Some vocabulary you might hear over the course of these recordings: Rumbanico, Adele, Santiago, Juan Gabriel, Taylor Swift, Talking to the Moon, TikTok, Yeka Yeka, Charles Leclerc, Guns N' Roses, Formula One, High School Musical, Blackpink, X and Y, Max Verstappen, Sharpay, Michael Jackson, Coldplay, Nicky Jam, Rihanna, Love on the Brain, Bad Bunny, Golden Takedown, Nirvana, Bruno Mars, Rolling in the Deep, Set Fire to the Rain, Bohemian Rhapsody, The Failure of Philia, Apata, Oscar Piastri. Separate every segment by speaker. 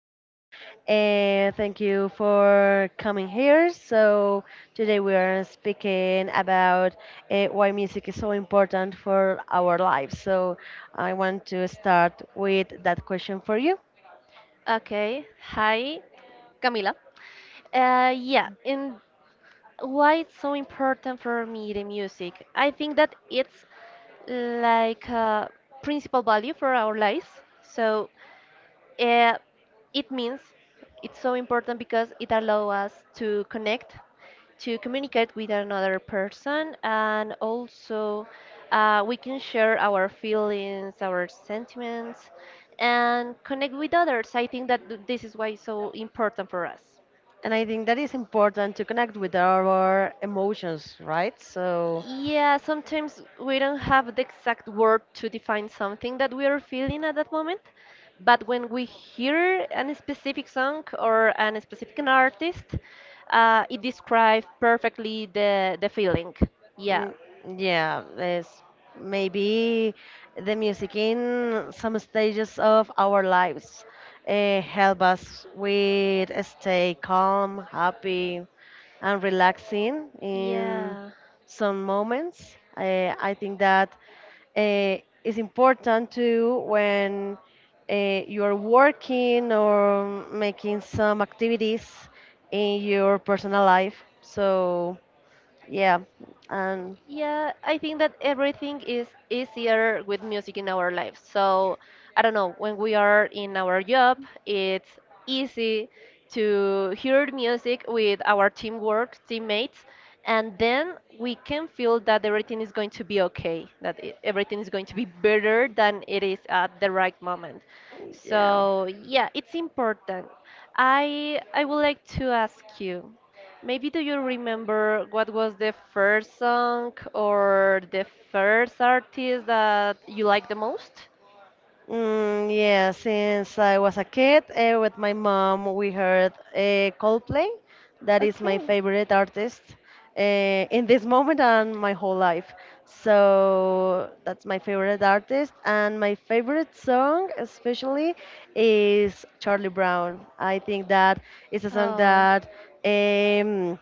Speaker 1: session. And thank you for coming here. So, today we are speaking about why music is so important for our lives. So, I want to start with that question for you.
Speaker 2: Okay. Hi, Camila. Yeah, and why it's so important for me the music? I think that it's like a principal value for our lives. So uh, it means it's so important because it allows us to connect, to communicate with another person, and also we can share our feelings, our sentiments, and connect with others. I think that this is why it's so important for us.
Speaker 1: And I think that is important to connect with our emotions, right? So,
Speaker 2: Yeah, sometimes we don't have the exact word to define something that we are feeling at that moment, but when we hear a specific song or an specific an artist, it describes perfectly the feeling. Yeah.
Speaker 1: Mm, yeah, there's maybe the music in some stages of our lives help us with stay calm, happy, and relaxing in
Speaker 2: Yeah.
Speaker 1: some moments. I think that uh, is important too when you're working or making some activities in your personal life. So yeah, and
Speaker 2: Yeah, I think that everything is easier with music in our lives. So, I don't know, when we are in our job, it's easy to hear music with our teamwork, teammates, and then we can feel that everything is going to be okay, that everything is going to be better than it is at the right moment.
Speaker 1: Yeah.
Speaker 2: So, yeah, it's important. I would like to ask you. Maybe do you remember what was the first song or the first artist that you liked the most?
Speaker 1: Mm, yeah, since I was a kid with my mom, we heard Coldplay. That is my favorite artist uh, in this moment and my whole life. So that's my favorite artist. And my favorite song, especially, is Charlie Brown. I think that is a song
Speaker 2: Oh.
Speaker 1: that. Um,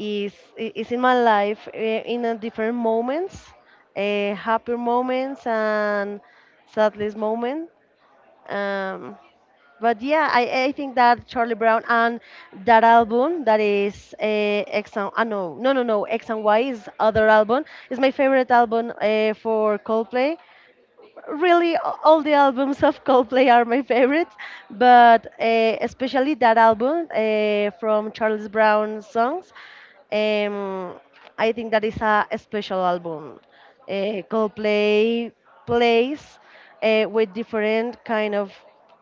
Speaker 1: is i- is in my life in a different moments, happier moments and saddest moment. Um, but yeah, I think that Charlie Brown and that album that is X and no no no no X and Y is other album is my favorite album for Coldplay really all the albums of Coldplay are my favorites, but especially that album from Charles Brown songs. Um, I think that is a special album. Coldplay plays with different kind of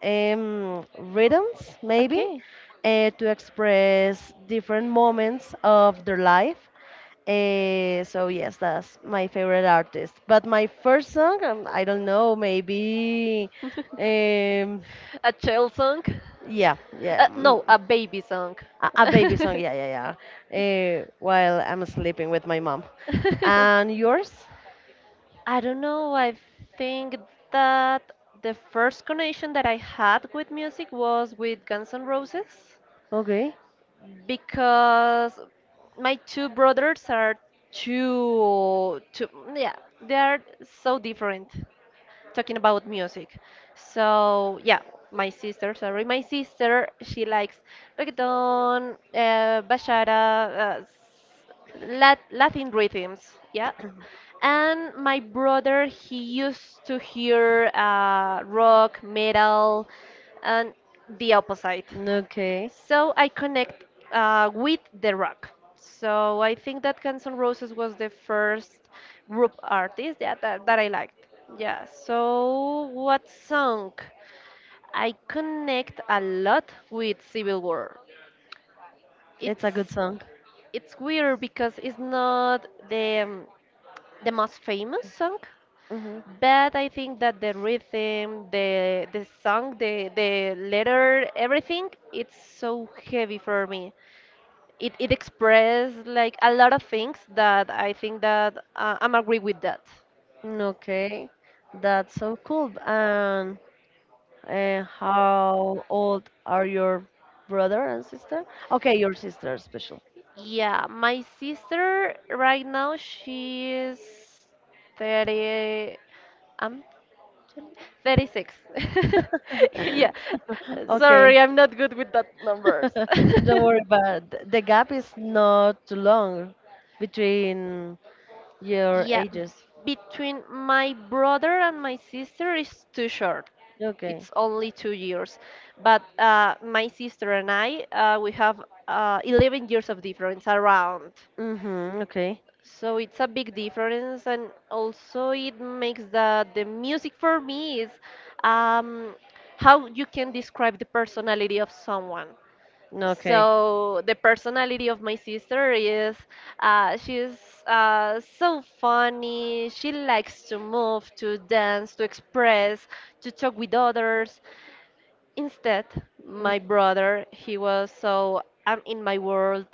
Speaker 1: rhythms, maybe,
Speaker 2: Okay.
Speaker 1: to express different moments of their life. So yes, that's my favorite artist. But my first song, I don't know, maybe, um,
Speaker 2: A child song?
Speaker 1: yeah, yeah,
Speaker 2: No, a baby song.
Speaker 1: a baby song, yeah, yeah, yeah. While I'm sleeping with my mom. And yours?
Speaker 2: I don't know. I think that the first connection that I had with music was with Guns N' Roses
Speaker 1: Okay.
Speaker 2: because my two brothers are too, too yeah, they are so different talking about music. So yeah, my sister, sorry, my sister, she likes reggaeton, bachata, Latin rhythms, yeah. And my brother, he used to hear rock, metal, and the opposite.
Speaker 1: Okay.
Speaker 2: So I connect with the rock. So I think that Guns N' Roses was the first group artist, yeah, that I liked. Yeah. So what song? I connect a lot with Civil War.
Speaker 1: It's a good
Speaker 2: It's
Speaker 1: song.
Speaker 2: it's weird because it's not the most famous song,
Speaker 1: Hmm.
Speaker 2: but I think that the rhythm, the song, the letter, everything, it's so heavy for me. It expressed like a lot of things that I think that I'm agree with that.
Speaker 1: Okay, that's so cool. And how old are your brother and sister? Okay, your sister is special.
Speaker 2: Yeah, my sister right now she is 30, I'm 36. Yeah. Sorry,
Speaker 1: Okay.
Speaker 2: I'm not good with that numbers.
Speaker 1: Don't worry but the gap is not too long between your
Speaker 2: Yeah,
Speaker 1: ages.
Speaker 2: between my brother and my sister is too short.
Speaker 1: Okay.
Speaker 2: It's only 2 years, but my sister and I we have 11 years of difference around.
Speaker 1: Mm-hmm. Okay.
Speaker 2: So it's a big difference, and also it makes the music for me is um, how you can describe the personality of someone.
Speaker 1: Okay.
Speaker 2: So the personality of my sister is she's so funny. She likes to move, to dance, to express, to talk with others. Instead,
Speaker 1: Mm,
Speaker 2: my brother, he was so I'm in my world.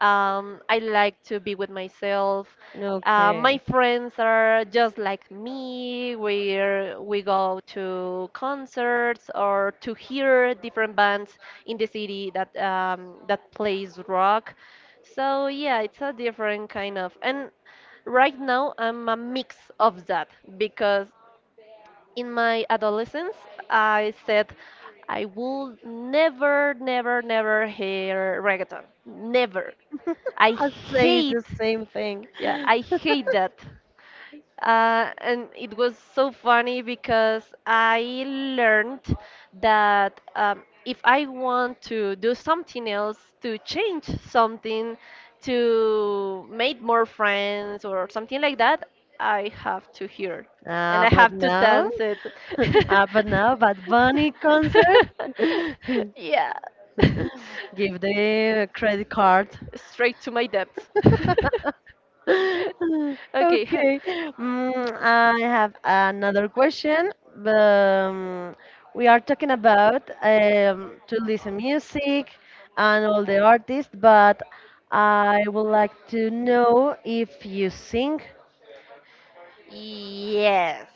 Speaker 2: I like to be with myself. My
Speaker 1: okay.
Speaker 2: friends are just like me. We go to concerts or to hear different bands in the city that that plays rock. So yeah, it's a different kind of, and right now I'm a mix of that because in my adolescence, I said I will never, never, never hear reggaeton. Never. I
Speaker 1: I say the
Speaker 2: hate,
Speaker 1: same thing.
Speaker 2: yeah, I hate that. And it was so funny because I learned that, if I want to do something else, to change something, to make more friends or something like that, I have to hear, and
Speaker 1: Ah,
Speaker 2: I
Speaker 1: but
Speaker 2: have to
Speaker 1: now,
Speaker 2: dance it.
Speaker 1: ah, but now, Bad Bunny concert.
Speaker 2: Yeah.
Speaker 1: Give the credit card.
Speaker 2: Straight to my depths. Okay.
Speaker 1: Okay. I have another question. Um, we are talking about to listen music and all the artists, but I would like to
Speaker 2: Do
Speaker 1: know if you sing.
Speaker 2: you sing? Yes,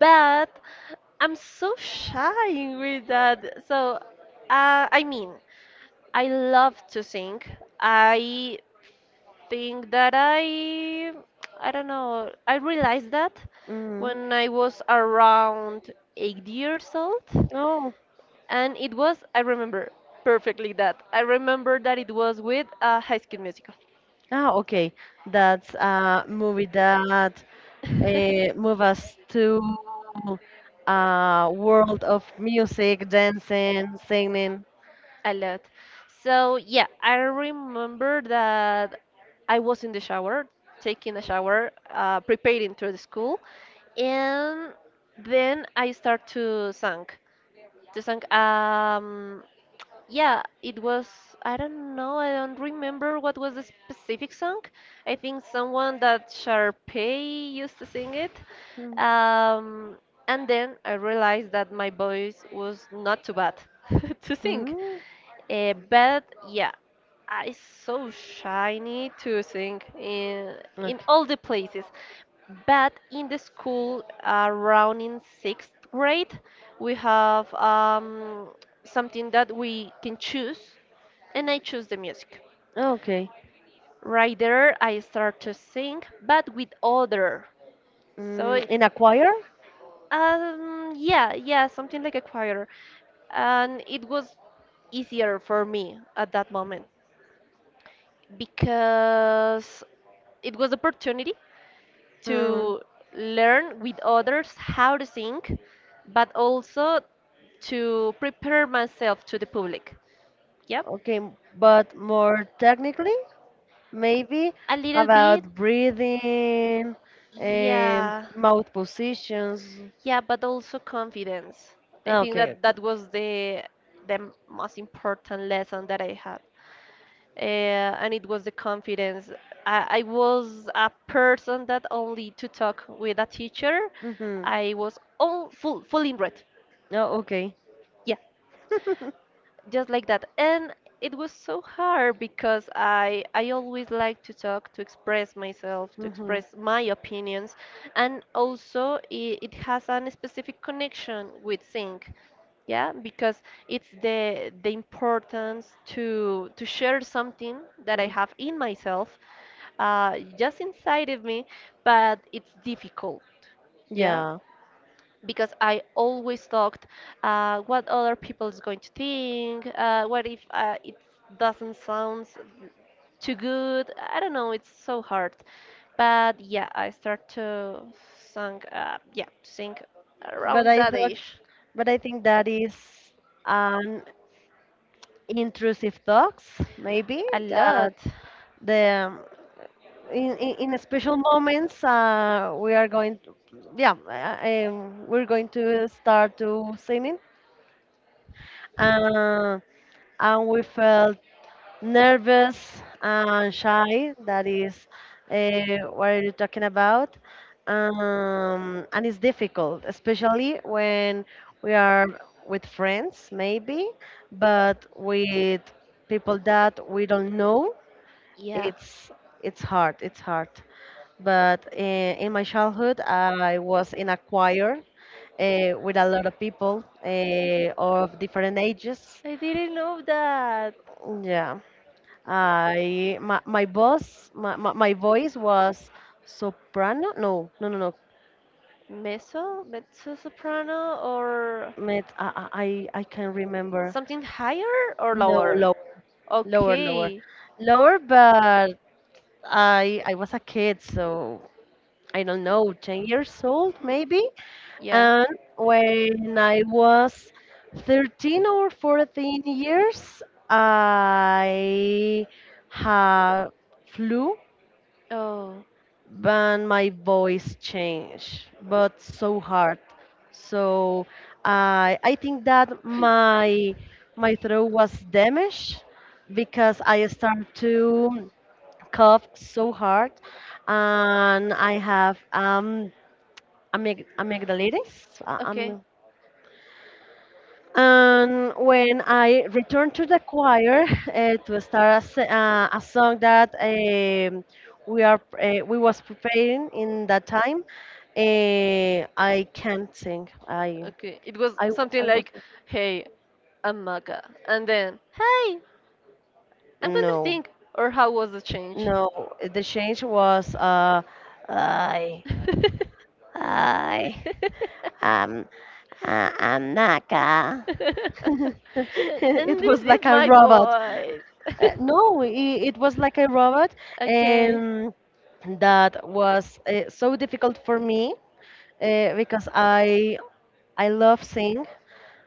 Speaker 2: but I'm so shy with that. So, I mean, I love to sing. I think that I don't know, I realized that
Speaker 1: Mm.
Speaker 2: when I was around 8 years old. And it was, I remember perfectly that I remember that it was with High School Musical.
Speaker 1: Ah, okay. That's a movie that move us to a world of music, dancing, singing.
Speaker 2: A lot. So yeah, I remember that I was in the shower, taking a shower, preparing to the school, and then I start to sing. The song, yeah, it was, I don't know, I don't remember what was the specific song. I think someone that Sharpay used to sing it.
Speaker 1: Mm.
Speaker 2: Um, and then I realized that my voice was not too bad to sing.
Speaker 1: Mm.
Speaker 2: But yeah. Ah, it's so shiny to sing in
Speaker 1: Okay.
Speaker 2: all the places. But in the school, around in sixth grade, we have something that we can choose, and I choose the music.
Speaker 1: Okay.
Speaker 2: Right there, I start to sing, but with other. So it,
Speaker 1: In a choir?
Speaker 2: yeah, yeah, something like a choir, and it was easier for me at that moment, because it was opportunity
Speaker 1: Mm.
Speaker 2: to learn with others how to sing, but also to prepare myself to the public. Yep.
Speaker 1: Okay, but more technically, maybe
Speaker 2: A little bit.
Speaker 1: about breathing,
Speaker 2: Yeah.
Speaker 1: mouth positions.
Speaker 2: Yeah, but also confidence. I
Speaker 1: Ah,
Speaker 2: think that
Speaker 1: okay.
Speaker 2: that was the most important lesson that I had, and it was the confidence. I was a person that only to talk with a teacher,
Speaker 1: Mm-hmm.
Speaker 2: I was all full, full in red.
Speaker 1: Oh, okay.
Speaker 2: Yeah, just like that. And it was so hard because I always like to talk, to express myself, to
Speaker 1: Mm-hmm.
Speaker 2: express my opinions, and also it has a specific connection with sync. Yeah, because it's the importance to share something that I
Speaker 1: Mm,
Speaker 2: have in myself, just inside of me, but it's difficult. Yeah,
Speaker 1: yeah,
Speaker 2: because I always thought, what other people is going to think? What if it doesn't sound too good? I don't know. It's so hard. But yeah, I start to sing. Yeah, to sing
Speaker 1: but
Speaker 2: around
Speaker 1: I
Speaker 2: that
Speaker 1: thought,
Speaker 2: age
Speaker 1: but I think that is an intrusive thoughts, maybe
Speaker 2: a lot.
Speaker 1: that the in special moments we are going to, yeah, we're going to start to singing, uh, and we felt nervous and shy. That is what are you talking about? And it's difficult, especially when we are with friends, maybe, but with people that we don't know,
Speaker 2: Yeah,
Speaker 1: it's it's hard. It's hard. But in my childhood, I was in a choir with a lot of people of different ages.
Speaker 2: I didn't know that.
Speaker 1: Yeah. I my, my boss my, my, my voice was soprano no no no no
Speaker 2: Mezzo, mezzo soprano, or
Speaker 1: Met, I can't remember
Speaker 2: something higher or
Speaker 1: no
Speaker 2: lower.
Speaker 1: low, lower lower
Speaker 2: Okay.
Speaker 1: lower but I was a kid so I don't know 10 years old maybe
Speaker 2: Yeah.
Speaker 1: and when I was 13 or 14 years I have flu
Speaker 2: Oh,
Speaker 1: but my voice changed, but so hard. So I think that my throat was damaged because I started to cough so hard, and I have amygdalitis.
Speaker 2: okay,
Speaker 1: Am And when I returned to the choir to start a song that we are we was preparing in that time, I can't sing.
Speaker 2: okay. It was
Speaker 1: I
Speaker 2: something
Speaker 1: I was
Speaker 2: like, "Hey, I'm Maga," and then, "Hey, I'm going to
Speaker 1: no
Speaker 2: think." Or how was the change?
Speaker 1: no. The change was I I am I am Naka. It
Speaker 2: And
Speaker 1: was
Speaker 2: this
Speaker 1: like
Speaker 2: is
Speaker 1: a
Speaker 2: my
Speaker 1: robot.
Speaker 2: voice.
Speaker 1: Uh, no, it, it was like a robot,
Speaker 2: Okay.
Speaker 1: and that was so difficult for me because I love sing.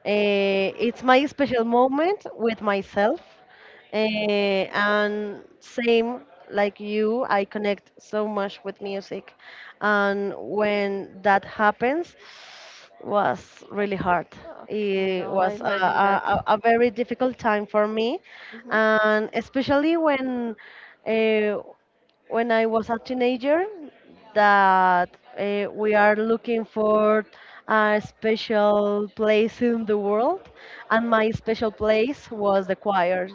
Speaker 1: It's my special moment with myself, and same like you, I connect so much with music. And when that happens, was really hard.
Speaker 2: Oh,
Speaker 1: It
Speaker 2: no, I
Speaker 1: was a,
Speaker 2: imagine that.
Speaker 1: a, a a very difficult time for me,
Speaker 2: Mhm.
Speaker 1: and especially when uh, when I was a teenager, that we are looking for a special place in the world, and my special place was the choir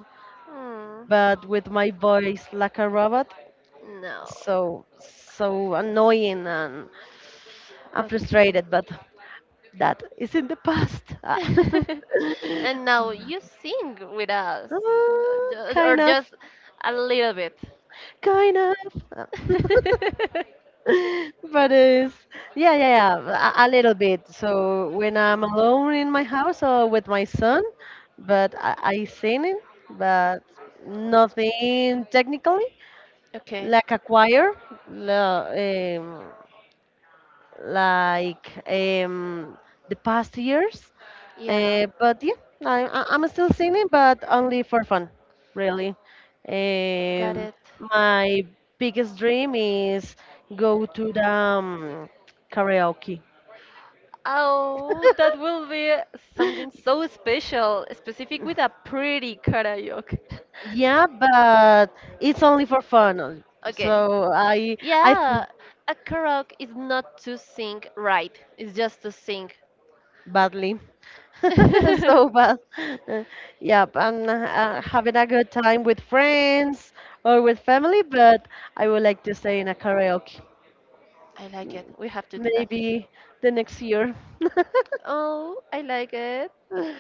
Speaker 2: Hmm.
Speaker 1: but with my voice like a robot.
Speaker 2: No.
Speaker 1: So, so annoying and I'm
Speaker 2: Okay.
Speaker 1: frustrated, but that is in the past. Ah.
Speaker 2: And now you sing with us,
Speaker 1: Ah,
Speaker 2: or
Speaker 1: kind of,
Speaker 2: just a little bit.
Speaker 1: kind of. Ah. but it's yeah, yeah, yeah, a little bit. So when I'm alone in my house or with my son, but I sing it, but nothing technically,
Speaker 2: Okay.
Speaker 1: like a choir, la- um, like um, the past years.
Speaker 2: Yeah.
Speaker 1: But yeah, I'm still singing, but only for fun, really.
Speaker 2: Got
Speaker 1: Um,
Speaker 2: it.
Speaker 1: my biggest dream is go to the karaoke.
Speaker 2: Oh, that will be something so special, specific with a pretty karaoke.
Speaker 1: Yeah, but it's only for fun.
Speaker 2: Okay.
Speaker 1: So I
Speaker 2: Yeah, a karaoke is not to sing right, it's just to sing.
Speaker 1: badly.
Speaker 2: I
Speaker 1: So bad. Uh, Yep, and having a good time with friends or with family, but I would like to stay in a karaoke.
Speaker 2: like it. We have to do that.
Speaker 1: Maybe the next year.
Speaker 2: Oh, I like it.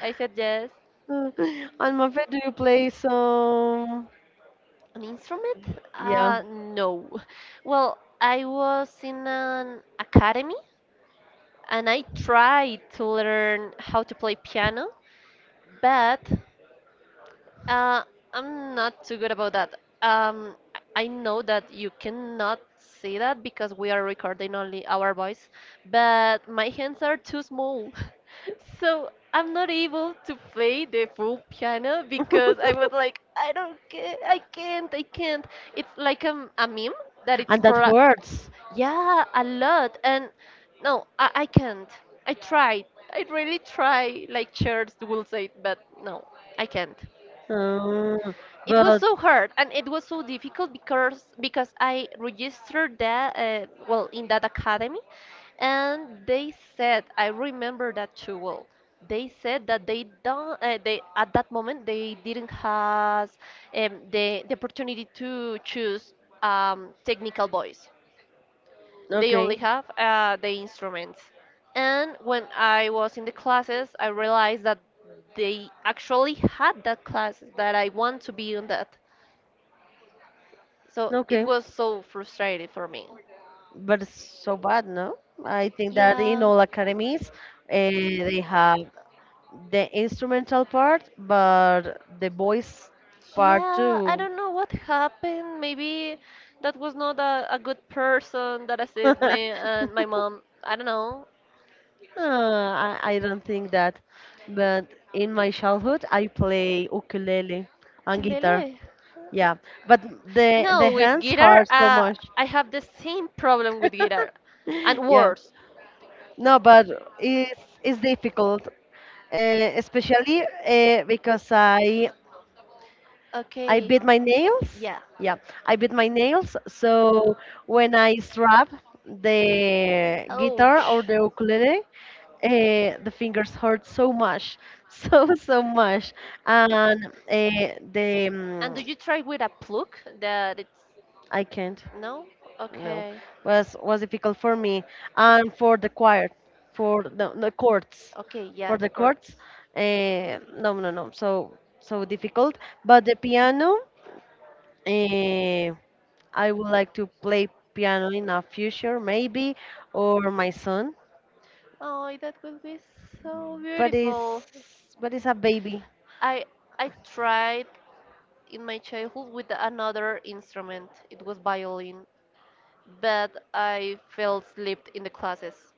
Speaker 2: I said yes.
Speaker 1: Uh, And my friend, do you play some?
Speaker 2: An instrument?
Speaker 1: Yeah,
Speaker 2: No. Well, I was in an academy and I tried to learn how to play piano, but Uh, I'm not too good about that. I know that you cannot see that because we are recording only our voice, but my hands are too small. So I'm not able to play the full piano because I was like, I don't care, I can't, I can't. It's like a meme that it's
Speaker 1: and that
Speaker 2: for a,
Speaker 1: hurts.
Speaker 2: yeah, a lot. And no, I can't. I tried. I really try, like Church will say, but no, I can't.
Speaker 1: Uh,
Speaker 2: It was
Speaker 1: but
Speaker 2: so hard, and it was so difficult because I registered that, well in that academy, and they said, I remember that too well, they said that they don't they, at that moment they didn't have the opportunity to choose, technical voice. They only
Speaker 1: okay.
Speaker 2: have the instruments, and when I was in the classes I realized that they actually had that class that I want to be on that, so it
Speaker 1: Okay,
Speaker 2: was so frustrating for me.
Speaker 1: but it's so bad, no? I think that in
Speaker 2: Yeah.
Speaker 1: all academies, uh, they have the instrumental part, but the voice part
Speaker 2: Yeah, I
Speaker 1: too.
Speaker 2: don't know what happened. Maybe that was not a, a good person that
Speaker 1: Uh,
Speaker 2: assisted me and my mom. I don't know.
Speaker 1: I don't think that, but in my childhood, I play ukulele and
Speaker 2: Ukulele.
Speaker 1: guitar. Yeah, but the
Speaker 2: No, with
Speaker 1: hands
Speaker 2: guitar,
Speaker 1: hurt so much.
Speaker 2: I have the same problem with guitar, and
Speaker 1: Yeah,
Speaker 2: worse.
Speaker 1: no, but it's difficult, especially because I
Speaker 2: Okay.
Speaker 1: bit my nails.
Speaker 2: Yeah.
Speaker 1: Yeah, I bit my nails. So when I strap the guitar or
Speaker 2: Ouch.
Speaker 1: the ukulele, the fingers hurt so much, so so much, and
Speaker 2: And do you try with a plug that it's,
Speaker 1: I can't.
Speaker 2: no?
Speaker 1: No,
Speaker 2: Okay.
Speaker 1: was difficult for me and for the choir, for the courts,
Speaker 2: Okay,
Speaker 1: for
Speaker 2: yeah, the
Speaker 1: the courts.
Speaker 2: chords.
Speaker 1: No, no, no. So so difficult. But the piano, uh, I would like to play piano in a future maybe, or my son.
Speaker 2: Oh, that would be so
Speaker 1: But it's
Speaker 2: beautiful.
Speaker 1: but it's a baby.
Speaker 2: I I tried in my childhood with another instrument. It was violin, but I fell asleep in the classes.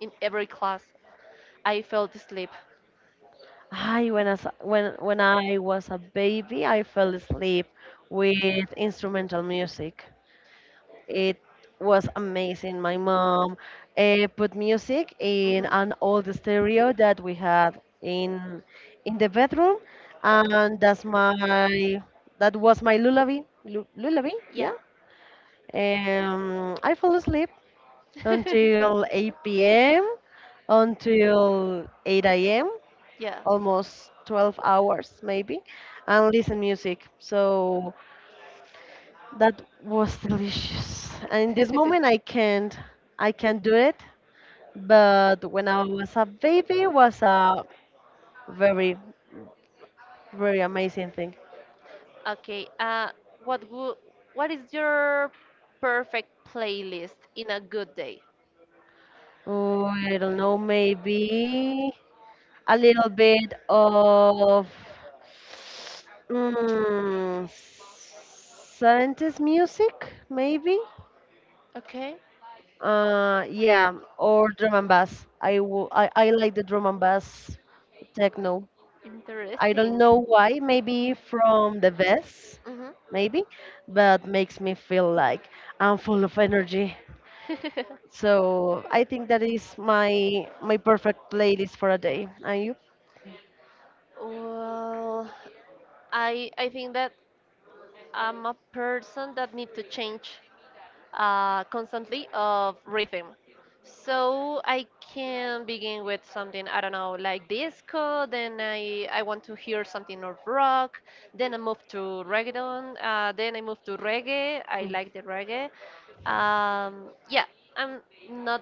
Speaker 2: In every class, I fell asleep.
Speaker 1: I when I s- when I was a baby, I fell asleep with instrumental music. It was amazing. My mom put music in
Speaker 2: Mhm.
Speaker 1: an old stereo that we had in the bedroom, and that was my lullaby, lullaby, yeah.
Speaker 2: Yeah.
Speaker 1: I fell asleep until 8 p.m. until 8 a.m.
Speaker 2: Yeah.
Speaker 1: almost 12 hours maybe, and listen music. So that was delicious. And in this moment, I can't, do it. But when I was a baby, it was a very, very amazing thing.
Speaker 2: Okay. What wo- what is your perfect playlist in a good day?
Speaker 1: Oh, I don't know, maybe a little bit of mm, 70s music, maybe.
Speaker 2: Okay.
Speaker 1: Yeah, or drum and bass. I like the drum and bass techno. I don't
Speaker 2: Interesting.
Speaker 1: know why, maybe from the vest,
Speaker 2: Mhm.
Speaker 1: maybe, but makes me feel like I'm full of energy. So I think that is my perfect playlist for a day. Are you?
Speaker 2: Well, I think that I'm a person that need to change, constantly of rhythm. So I can begin with something, I don't know, like disco, then I want to hear something of rock, then I move to reggaeton, then I move to reggae. I like the reggae. Yeah, I'm not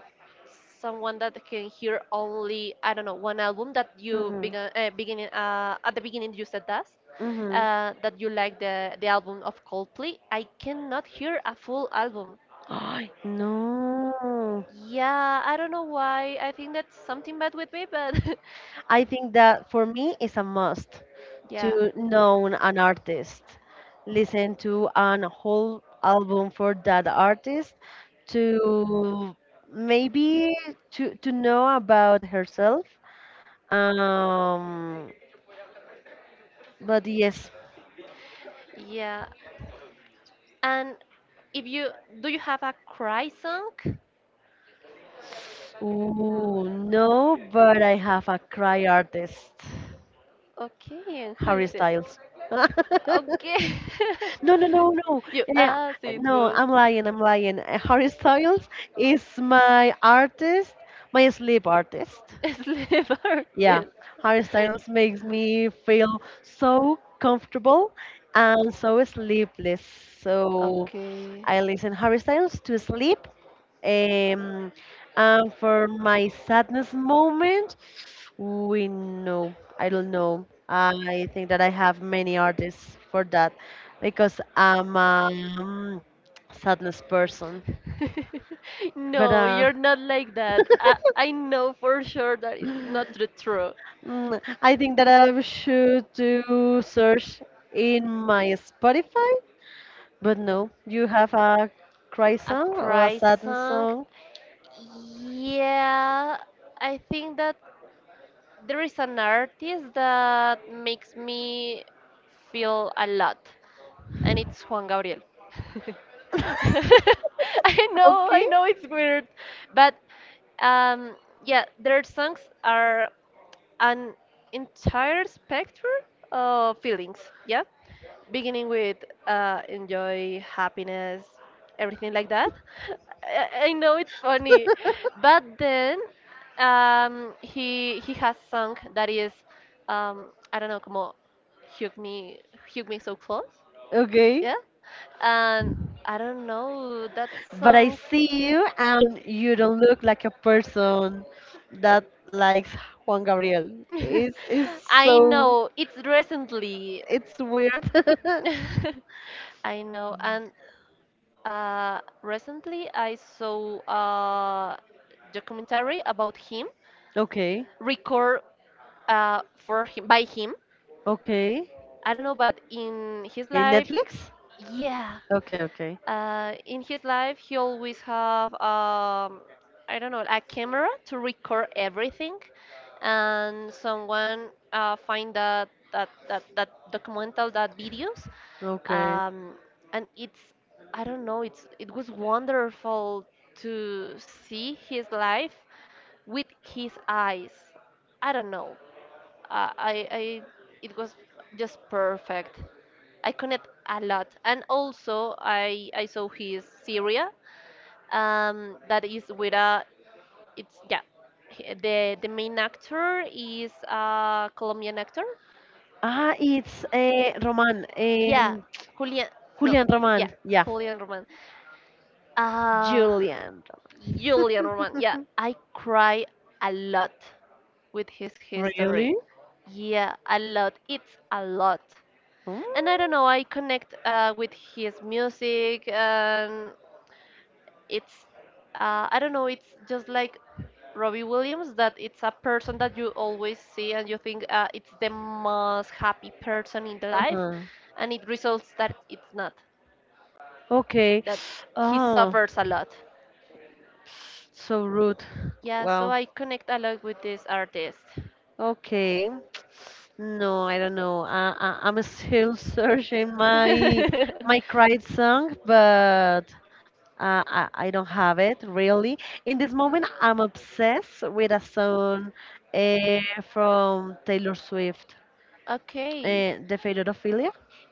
Speaker 2: someone that can hear only, I don't know, one album. That you
Speaker 1: Mm-hmm.
Speaker 2: began beginning at the beginning you said that
Speaker 1: Mm-hmm.
Speaker 2: that you like the album of Coldplay. I cannot hear a full album.
Speaker 1: I no.
Speaker 2: Yeah, I don't know why. I think that's something bad with me, but
Speaker 1: I think that for me it's a must
Speaker 2: yeah,
Speaker 1: to know an artist, listen to an whole album for that artist, to maybe to know about herself. Um, but yes.
Speaker 2: yeah. And if you, do you have a cry song?
Speaker 1: Ooh, no, but I have a cry artist,
Speaker 2: Okay, and who
Speaker 1: Harry
Speaker 2: is it?
Speaker 1: Styles.
Speaker 2: Okay.
Speaker 1: No, no, no, no.
Speaker 2: You
Speaker 1: Yeah,
Speaker 2: asked it
Speaker 1: no,
Speaker 2: was
Speaker 1: I'm lying. I'm lying. Harry Styles is my artist, my sleep artist.
Speaker 2: slave
Speaker 1: Yeah,
Speaker 2: artist.
Speaker 1: Harry Styles makes me feel so comfortable and so sleepless. So
Speaker 2: Okay.
Speaker 1: I listen Harry Styles to sleep. Um, and for my sadness moment, we know, I don't know. I think that I have many artists for that because I'm a um, sadness person. But
Speaker 2: No, you're not like that. I know for sure that it's not the true.
Speaker 1: I think that I should do search in my Spotify. But no, you have a cry
Speaker 2: A
Speaker 1: song or a
Speaker 2: cry
Speaker 1: sadness
Speaker 2: song?
Speaker 1: song.
Speaker 2: Yeah, I think that there is an artist that makes me feel a lot, and it's Juan Gabriel. I
Speaker 1: Okay,
Speaker 2: know it's weird, but um, yeah, their songs are an entire spectrum of feelings. Yeah, beginning with enjoy happiness, everything like that. I know it's funny, but then he has song that is um, I don't know, como hug me, hug me so close,
Speaker 1: okay.
Speaker 2: yeah. And I don't know that
Speaker 1: But I
Speaker 2: song.
Speaker 1: see you and you don't look like a person that likes Juan Gabriel. It's
Speaker 2: I
Speaker 1: so
Speaker 2: know it's recently.
Speaker 1: it's weird.
Speaker 2: I know, and recently I saw a documentary about him,
Speaker 1: Okay,
Speaker 2: record for him by him.
Speaker 1: okay.
Speaker 2: I don't know, but in his
Speaker 1: In
Speaker 2: life,
Speaker 1: Netflix?
Speaker 2: yeah.
Speaker 1: Okay, okay,
Speaker 2: In his life, he always have I don't know a camera to record everything, and someone find that documental that videos,
Speaker 1: okay.
Speaker 2: um, and it's I don't know it's it was wonderful to see his life with his eyes. I don't know. I it was just perfect. I connect a lot, and also I saw his Syria, that is with a it's yeah, the main actor is a Colombian actor.
Speaker 1: Ah, it's a Roman,
Speaker 2: Yeah, Julian. No,
Speaker 1: Julian
Speaker 2: yeah,
Speaker 1: Roman. Yeah,
Speaker 2: Julian Roman. Uh,
Speaker 1: Julian.
Speaker 2: Julian Roman. Yeah, I cry a lot with his history.
Speaker 1: Really?
Speaker 2: Yeah, a lot. It's a lot.
Speaker 1: Mm.
Speaker 2: And I don't know, I connect with his music, and it's, I don't know, it's just like Robbie Williams that it's a person that you always see and you think it's the most happy person in the life,
Speaker 1: Uh-huh.
Speaker 2: and it results that it's not,
Speaker 1: Okay.
Speaker 2: that he
Speaker 1: Oh.
Speaker 2: suffers a lot.
Speaker 1: So rude.
Speaker 2: Yeah, so
Speaker 1: Well,
Speaker 2: I connect a lot with this artist.
Speaker 1: okay. No, I don't know. I'm still searching my cried song, but I don't have it really. In this moment, I'm obsessed with a song uh, from Taylor Swift,
Speaker 2: Okay.
Speaker 1: The Failure of Philia.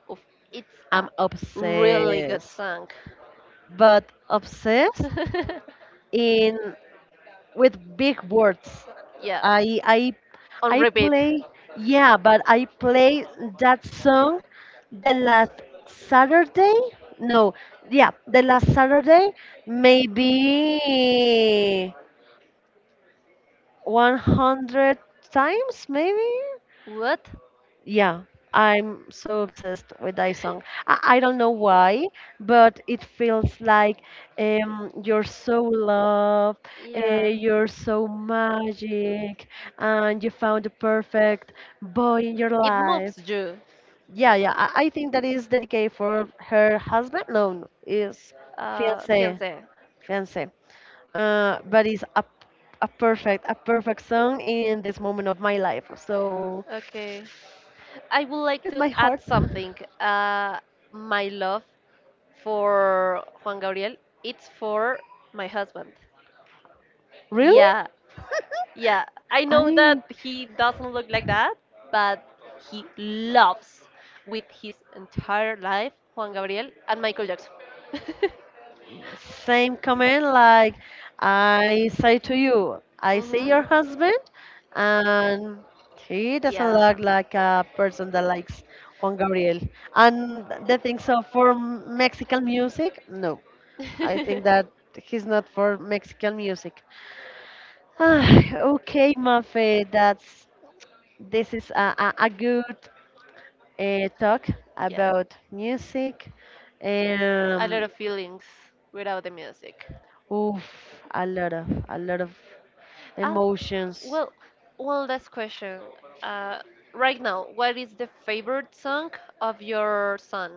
Speaker 2: Oof, it's a
Speaker 1: I'm
Speaker 2: really good
Speaker 1: obsessed,
Speaker 2: song.
Speaker 1: but obsessed in with big words.
Speaker 2: yeah.
Speaker 1: I I
Speaker 2: On
Speaker 1: I
Speaker 2: repeat.
Speaker 1: play I play that song the last Saturday. No, yeah, the last Saturday, maybe 100 times, maybe.
Speaker 2: What?
Speaker 1: Yeah, I'm so obsessed with that song. I don't know why, but it feels like you're so loved,
Speaker 2: Yeah.
Speaker 1: you're so magic, and you found the perfect boy in your
Speaker 2: It
Speaker 1: life.
Speaker 2: moves you,
Speaker 1: Yeah, yeah, I think that is dedicated for her husband. No, no, is fiance,
Speaker 2: fiancé.
Speaker 1: fiance. But it's a perfect song in this moment of my life. So,
Speaker 2: Okay. I would like
Speaker 1: with
Speaker 2: to
Speaker 1: my
Speaker 2: add
Speaker 1: heart.
Speaker 2: something. Uh, my love for Juan Gabriel, it's for my husband.
Speaker 1: Really?
Speaker 2: Yeah. Yeah, I know that
Speaker 1: I
Speaker 2: he doesn't look like that, but he loves with his entire life Juan Gabriel and Michael Jackson.
Speaker 1: Same comment like I say to you, I see
Speaker 2: Mhm.
Speaker 1: your husband and he doesn't
Speaker 2: Yeah.
Speaker 1: look like a person that likes Juan Gabriel. And the thing so for Mexican music, no. I think that he's not for Mexican music. Ah, okay, Mafe, that's this is a good talk
Speaker 2: yeah.
Speaker 1: about music.
Speaker 2: A
Speaker 1: Um,
Speaker 2: lot of feelings without the music.
Speaker 1: Oof, a lot of
Speaker 2: Oh,
Speaker 1: emotions.
Speaker 2: well, one last question. Uh, right now, what is the favorite song of your son?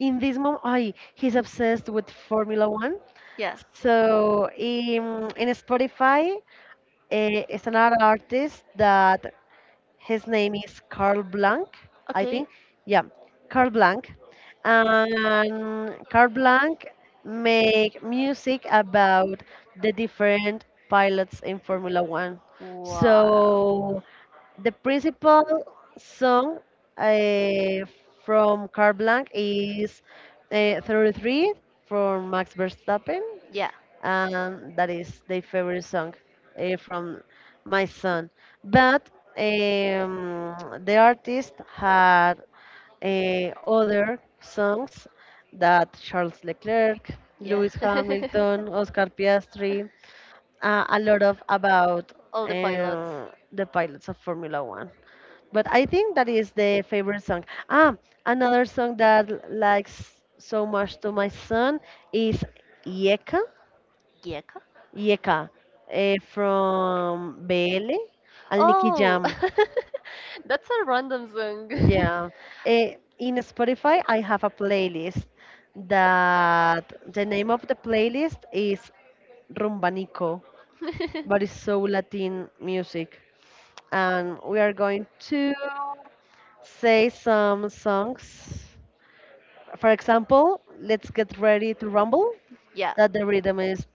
Speaker 1: In this moment, I he's obsessed with Formula One.
Speaker 2: Yeah.
Speaker 1: So in Spotify, is another artist that his name is Carl Blanc, I
Speaker 2: Okay.
Speaker 1: think. Yeah, Carl Blanc. And Carl Blanc make music about the different pilots in Formula One.
Speaker 2: Wow.
Speaker 1: So the principal song uh, from Carl Blanc is 33 from Max Verstappen,
Speaker 2: Yeah,
Speaker 1: that is their favorite song from my son. But um, the artist had other songs that Charles Leclerc,
Speaker 2: yeah.
Speaker 1: Lewis Hamilton, Oscar Piastri, a lot of about
Speaker 2: All the pilots.
Speaker 1: the pilots of Formula One. But I think that is the favorite song. Ah, another song that likes so much to my son is Yeka
Speaker 2: Gecko?
Speaker 1: Yeka from BL and Nicky
Speaker 2: Oh,
Speaker 1: Jam.
Speaker 2: that's a random song.
Speaker 1: Yeah. Eh, in Spotify, I have a playlist that the name of the playlist is Rumbanico, but it's so Latin music. And we are going to say some songs. For example, let's get ready to rumble.
Speaker 2: yeah.
Speaker 1: That the rhythm is.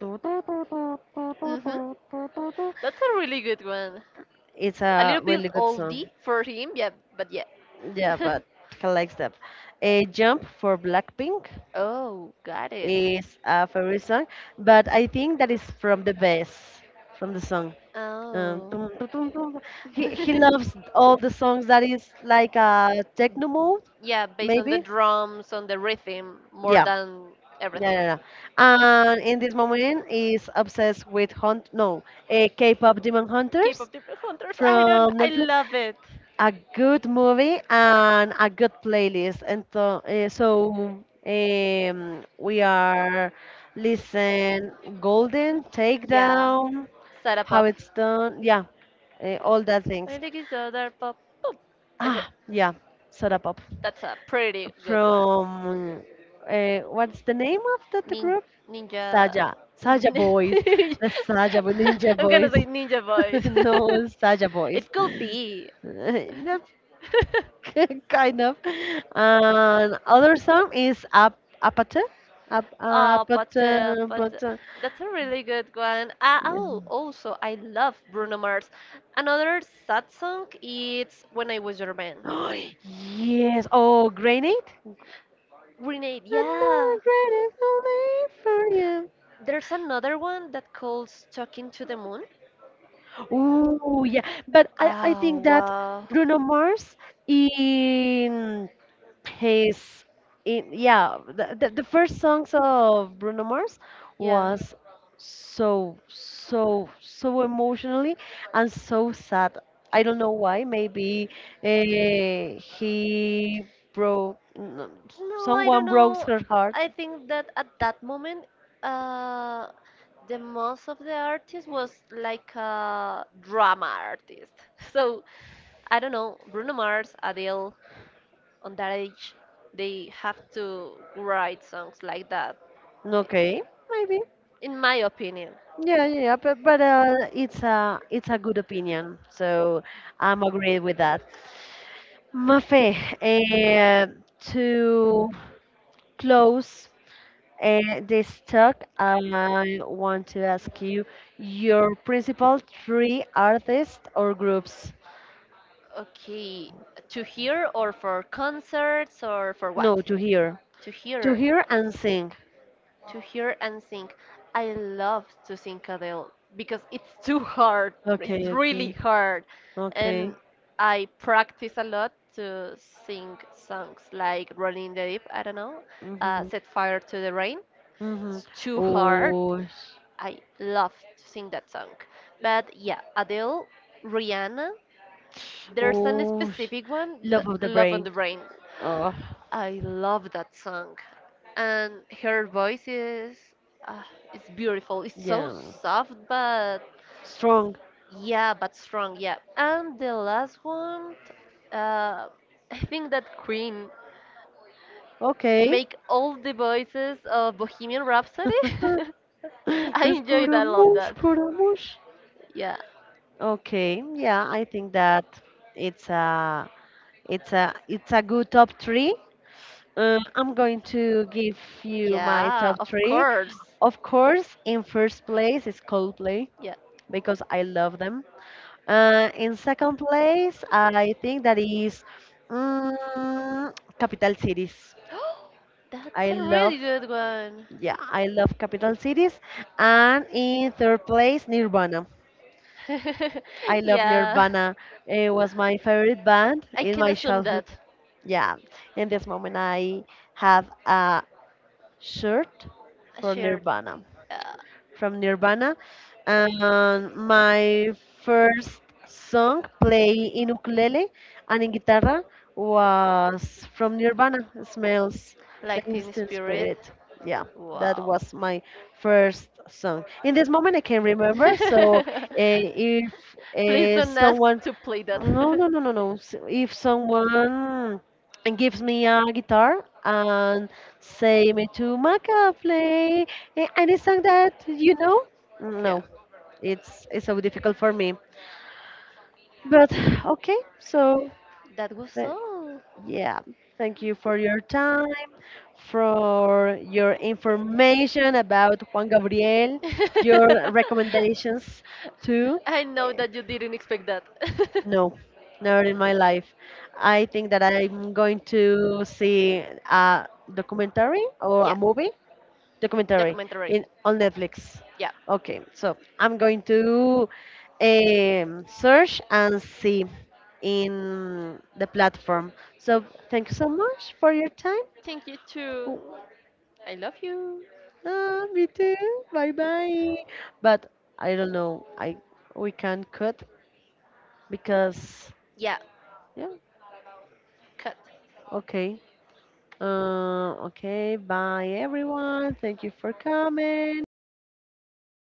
Speaker 2: Mhm. That's a really good one.
Speaker 1: It's
Speaker 2: A
Speaker 1: a
Speaker 2: little bit
Speaker 1: really good song.
Speaker 2: oldie for him, yeah, but yeah.
Speaker 1: Yeah, but I like them. A jump for Blackpink
Speaker 2: oh, got it.
Speaker 1: is a favorite song, but I think that is from the best from the song.
Speaker 2: Oh.
Speaker 1: Tum, tum, tum, tum. He loves all the songs that is like a techno mode,
Speaker 2: Yeah, based on the
Speaker 1: maybe.
Speaker 2: drums, on the rhythm, more
Speaker 1: Yeah,
Speaker 2: than
Speaker 1: yeah,
Speaker 2: everything.
Speaker 1: yeah. yeah. And in this moment, is obsessed with hunt. No, a K-pop Demon Hunters
Speaker 2: K-pop demon hunters. I don't.
Speaker 1: from
Speaker 2: I
Speaker 1: Netflix.
Speaker 2: love it.
Speaker 1: A good movie and a good playlist. And so, so we are listen Golden
Speaker 2: Yeah,
Speaker 1: Takedown,
Speaker 2: set
Speaker 1: how
Speaker 2: up.
Speaker 1: it's done, yeah, all that
Speaker 2: I
Speaker 1: things.
Speaker 2: think it's other pop. Pop. It's a,
Speaker 1: Ah, yeah, Soda Pop
Speaker 2: that's a pretty good one.
Speaker 1: from what's the name of that
Speaker 2: Nin
Speaker 1: group?
Speaker 2: ninja.
Speaker 1: Saja,
Speaker 2: I'm
Speaker 1: Saja Boys, the Ninja
Speaker 2: gonna
Speaker 1: Boys.
Speaker 2: say ninja voice.
Speaker 1: No, Saja Boys.
Speaker 2: it could be.
Speaker 1: No, kind of. And other song is Ap Apate," Ap
Speaker 2: Oh, but
Speaker 1: Apata,
Speaker 2: uh, but uh,
Speaker 1: Apata.
Speaker 2: that's a really good one. Oh, also I love Bruno Mars. Another sad song is When I Was Your Man.
Speaker 1: Oh, yes. Oh, Grenade.
Speaker 2: Grenade,
Speaker 1: And
Speaker 2: yeah.
Speaker 1: the grenade only for you.
Speaker 2: There's another one that calls Talking to the Moon.
Speaker 1: Ooh, yeah. But I
Speaker 2: Oh
Speaker 1: think that
Speaker 2: wow,
Speaker 1: Bruno Mars in his in yeah the first songs of Bruno Mars
Speaker 2: yeah.
Speaker 1: was so emotionally and so sad. I don't know why. Maybe he broke n-
Speaker 2: No, I don't
Speaker 1: someone broke
Speaker 2: know.
Speaker 1: her heart.
Speaker 2: I think that at that moment, uh, the most of the artist was like a drama artist. So I don't know, Bruno Mars, Adele, on that age, they have to write songs like that,
Speaker 1: No, okay, maybe
Speaker 2: in my opinion.
Speaker 1: yeah, but, it's a good opinion, so I'm agreed with that, Mafe, uh, to close and this talk, I want to ask you your principal three artists or groups.
Speaker 2: Okay, to hear or for concerts or for what?
Speaker 1: No, to hear.
Speaker 2: To
Speaker 1: To
Speaker 2: hear.
Speaker 1: hear and sing.
Speaker 2: To hear and sing. I love to sing Adele because it's too hard.
Speaker 1: Okay,
Speaker 2: It's really
Speaker 1: okay,
Speaker 2: hard.
Speaker 1: okay.
Speaker 2: And I practice a lot to sing songs like Rolling in the Deep, I don't know,
Speaker 1: Mm-hmm,
Speaker 2: Set Fire to the Rain.
Speaker 1: mm-hmm.
Speaker 2: It's too hard.
Speaker 1: Oh,
Speaker 2: I love to sing that song. But yeah, Adele, Rihanna, there's an
Speaker 1: oh,
Speaker 2: specific one, but
Speaker 1: love of the
Speaker 2: Love on
Speaker 1: brain.
Speaker 2: the Brain.
Speaker 1: Oh,
Speaker 2: I love that song, and her voice is uh, it's beautiful. It's so
Speaker 1: yeah.
Speaker 2: soft, but
Speaker 1: Strong.
Speaker 2: yeah, but strong. Yeah, and the last one, uh, I think that Queen
Speaker 1: Okay.
Speaker 2: make all the voices of Bohemian Rhapsody. I enjoyed. I love
Speaker 1: Escaramush,
Speaker 2: that.
Speaker 1: escaramush.
Speaker 2: Yeah,
Speaker 1: Okay, yeah, I think that it's a it's a good top three. I'm going to give you my
Speaker 2: yeah,
Speaker 1: top
Speaker 2: of
Speaker 1: three.
Speaker 2: course.
Speaker 1: Of course, in first place is Coldplay
Speaker 2: Yeah.
Speaker 1: because I love them. In second place, I think that is mm, Capital Cities.
Speaker 2: That's
Speaker 1: I
Speaker 2: a
Speaker 1: love,
Speaker 2: really good one.
Speaker 1: yeah, I love Capital Cities. And in third place, Nirvana. I love
Speaker 2: yeah.
Speaker 1: Nirvana. It was my favorite band
Speaker 2: I
Speaker 1: in
Speaker 2: can
Speaker 1: my
Speaker 2: assume
Speaker 1: childhood.
Speaker 2: that
Speaker 1: Yeah, in this moment, I have a shirt
Speaker 2: a
Speaker 1: for
Speaker 2: shared
Speaker 1: Nirvana
Speaker 2: uh,
Speaker 1: from Nirvana. And my first song played in ukulele and in guitar was from Nirvana, Smells
Speaker 2: life
Speaker 1: Like
Speaker 2: in
Speaker 1: Teen
Speaker 2: spirit.
Speaker 1: Spirit. Yeah, that
Speaker 2: Wow.
Speaker 1: was my first song. In this moment, I can remember. So, if
Speaker 2: Please don't ask
Speaker 1: someone,
Speaker 2: to play that.
Speaker 1: no, if someone gives me a guitar and say me to Maca play any song that you know?
Speaker 2: yeah.
Speaker 1: No, it's so difficult for me. But okay, so
Speaker 2: That was
Speaker 1: Th-
Speaker 2: all.
Speaker 1: yeah, thank you for your time, for your information about Juan Gabriel, your recommendations too.
Speaker 2: I know
Speaker 1: Eh,
Speaker 2: that you didn't expect that.
Speaker 1: No, never in my life. I think that I'm going to see a documentary or a
Speaker 2: yeah,
Speaker 1: movie documentary
Speaker 2: documentary.
Speaker 1: in on Netflix.
Speaker 2: Yeah.
Speaker 1: Okay, so I'm going to search and see in the platform. So thank you so much for your time.
Speaker 2: Thank you too.
Speaker 1: Oh,
Speaker 2: I love you.
Speaker 1: ah, me too. Bye bye. But I don't know. I We can cut because
Speaker 2: Yeah,
Speaker 1: yeah.
Speaker 2: cut.
Speaker 1: Okay. Okay. Bye everyone. Thank you for coming.